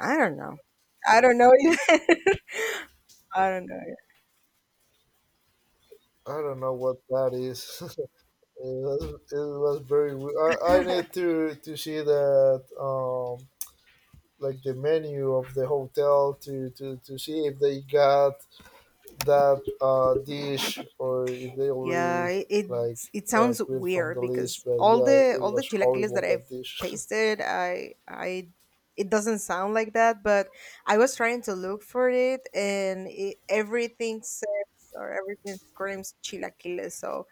Speaker 2: I don't know. I don't know. I don't know.
Speaker 1: I don't know what that is. it, was, it was very. I need to see that, like the menu of the hotel to see if they got that, dish, or if they
Speaker 2: Yeah,
Speaker 1: already
Speaker 2: it, it
Speaker 1: like,
Speaker 2: it sounds
Speaker 1: quit from the
Speaker 2: weird
Speaker 1: list,
Speaker 2: because
Speaker 1: but,
Speaker 2: all
Speaker 1: yeah,
Speaker 2: the
Speaker 1: it
Speaker 2: all the
Speaker 1: was
Speaker 2: chilaquiles
Speaker 1: horrible
Speaker 2: that I've
Speaker 1: that dish.
Speaker 2: tasted, I it doesn't sound like that, but I was trying to look for it, and everything says or everything screams chilaquiles. So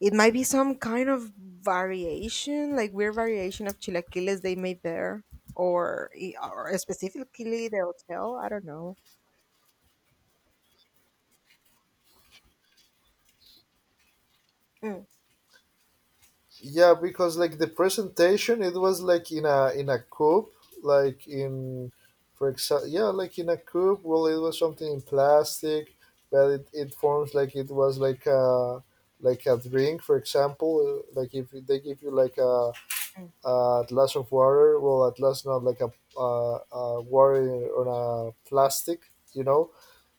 Speaker 2: it might be some kind of variation, like weird variation of chilaquiles they made there, or specifically the hotel, I don't know. Mm,
Speaker 1: Yeah, because like the presentation, it was like in a, in a coupe, like in, for example, yeah, like in a coupe, well, it was something in plastic, but it forms like it was like a drink. For example, like if they give you like
Speaker 2: mm.
Speaker 1: a glass of water. Well, a glass, not like a water on a plastic, you know.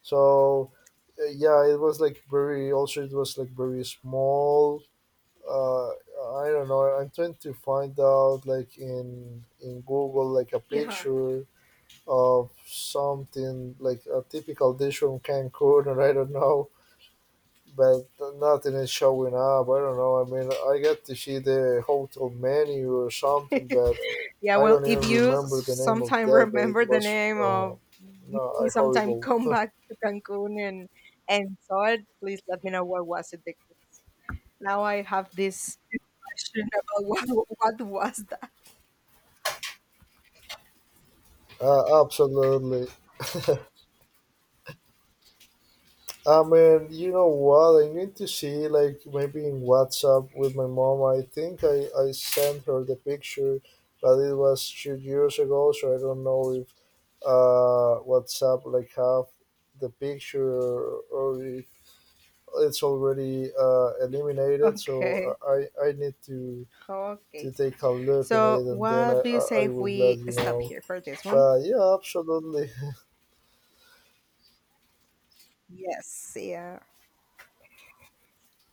Speaker 1: So, yeah, it was like very. Also, it was like very small. Uh, I don't know. I'm trying to find out, like, in Google, like a
Speaker 2: Yeah.
Speaker 1: picture of something like a typical dish from Cancun, or I don't know, but nothing is showing up. I don't know. I mean, I got to see the hotel menu or something, but
Speaker 2: Yeah,
Speaker 1: I
Speaker 2: well,
Speaker 1: don't
Speaker 2: if
Speaker 1: even
Speaker 2: you
Speaker 1: remember the name of
Speaker 2: sometime
Speaker 1: that. But
Speaker 2: remember
Speaker 1: it
Speaker 2: the
Speaker 1: was,
Speaker 2: name of,
Speaker 1: no,
Speaker 2: maybe
Speaker 1: I
Speaker 2: sometime
Speaker 1: horrible.
Speaker 2: come back to Cancun and saw it, please let me know what was it because now I have this question about what was that.
Speaker 1: Absolutely. I mean, you know what? I need to see, like, maybe in WhatsApp with my mom. I think I sent her the picture, but it was 2 years ago, so I don't know if WhatsApp like have the picture, or it's already, eliminated. So,
Speaker 2: Okay.
Speaker 1: I need to
Speaker 2: Okay.
Speaker 1: take a look on
Speaker 2: So,
Speaker 1: it, and then I
Speaker 2: what do you
Speaker 1: I,
Speaker 2: say
Speaker 1: I
Speaker 2: if
Speaker 1: will let
Speaker 2: we
Speaker 1: you
Speaker 2: stop
Speaker 1: know.
Speaker 2: here for this one?
Speaker 1: But, yeah, absolutely,
Speaker 2: Yes. Yeah.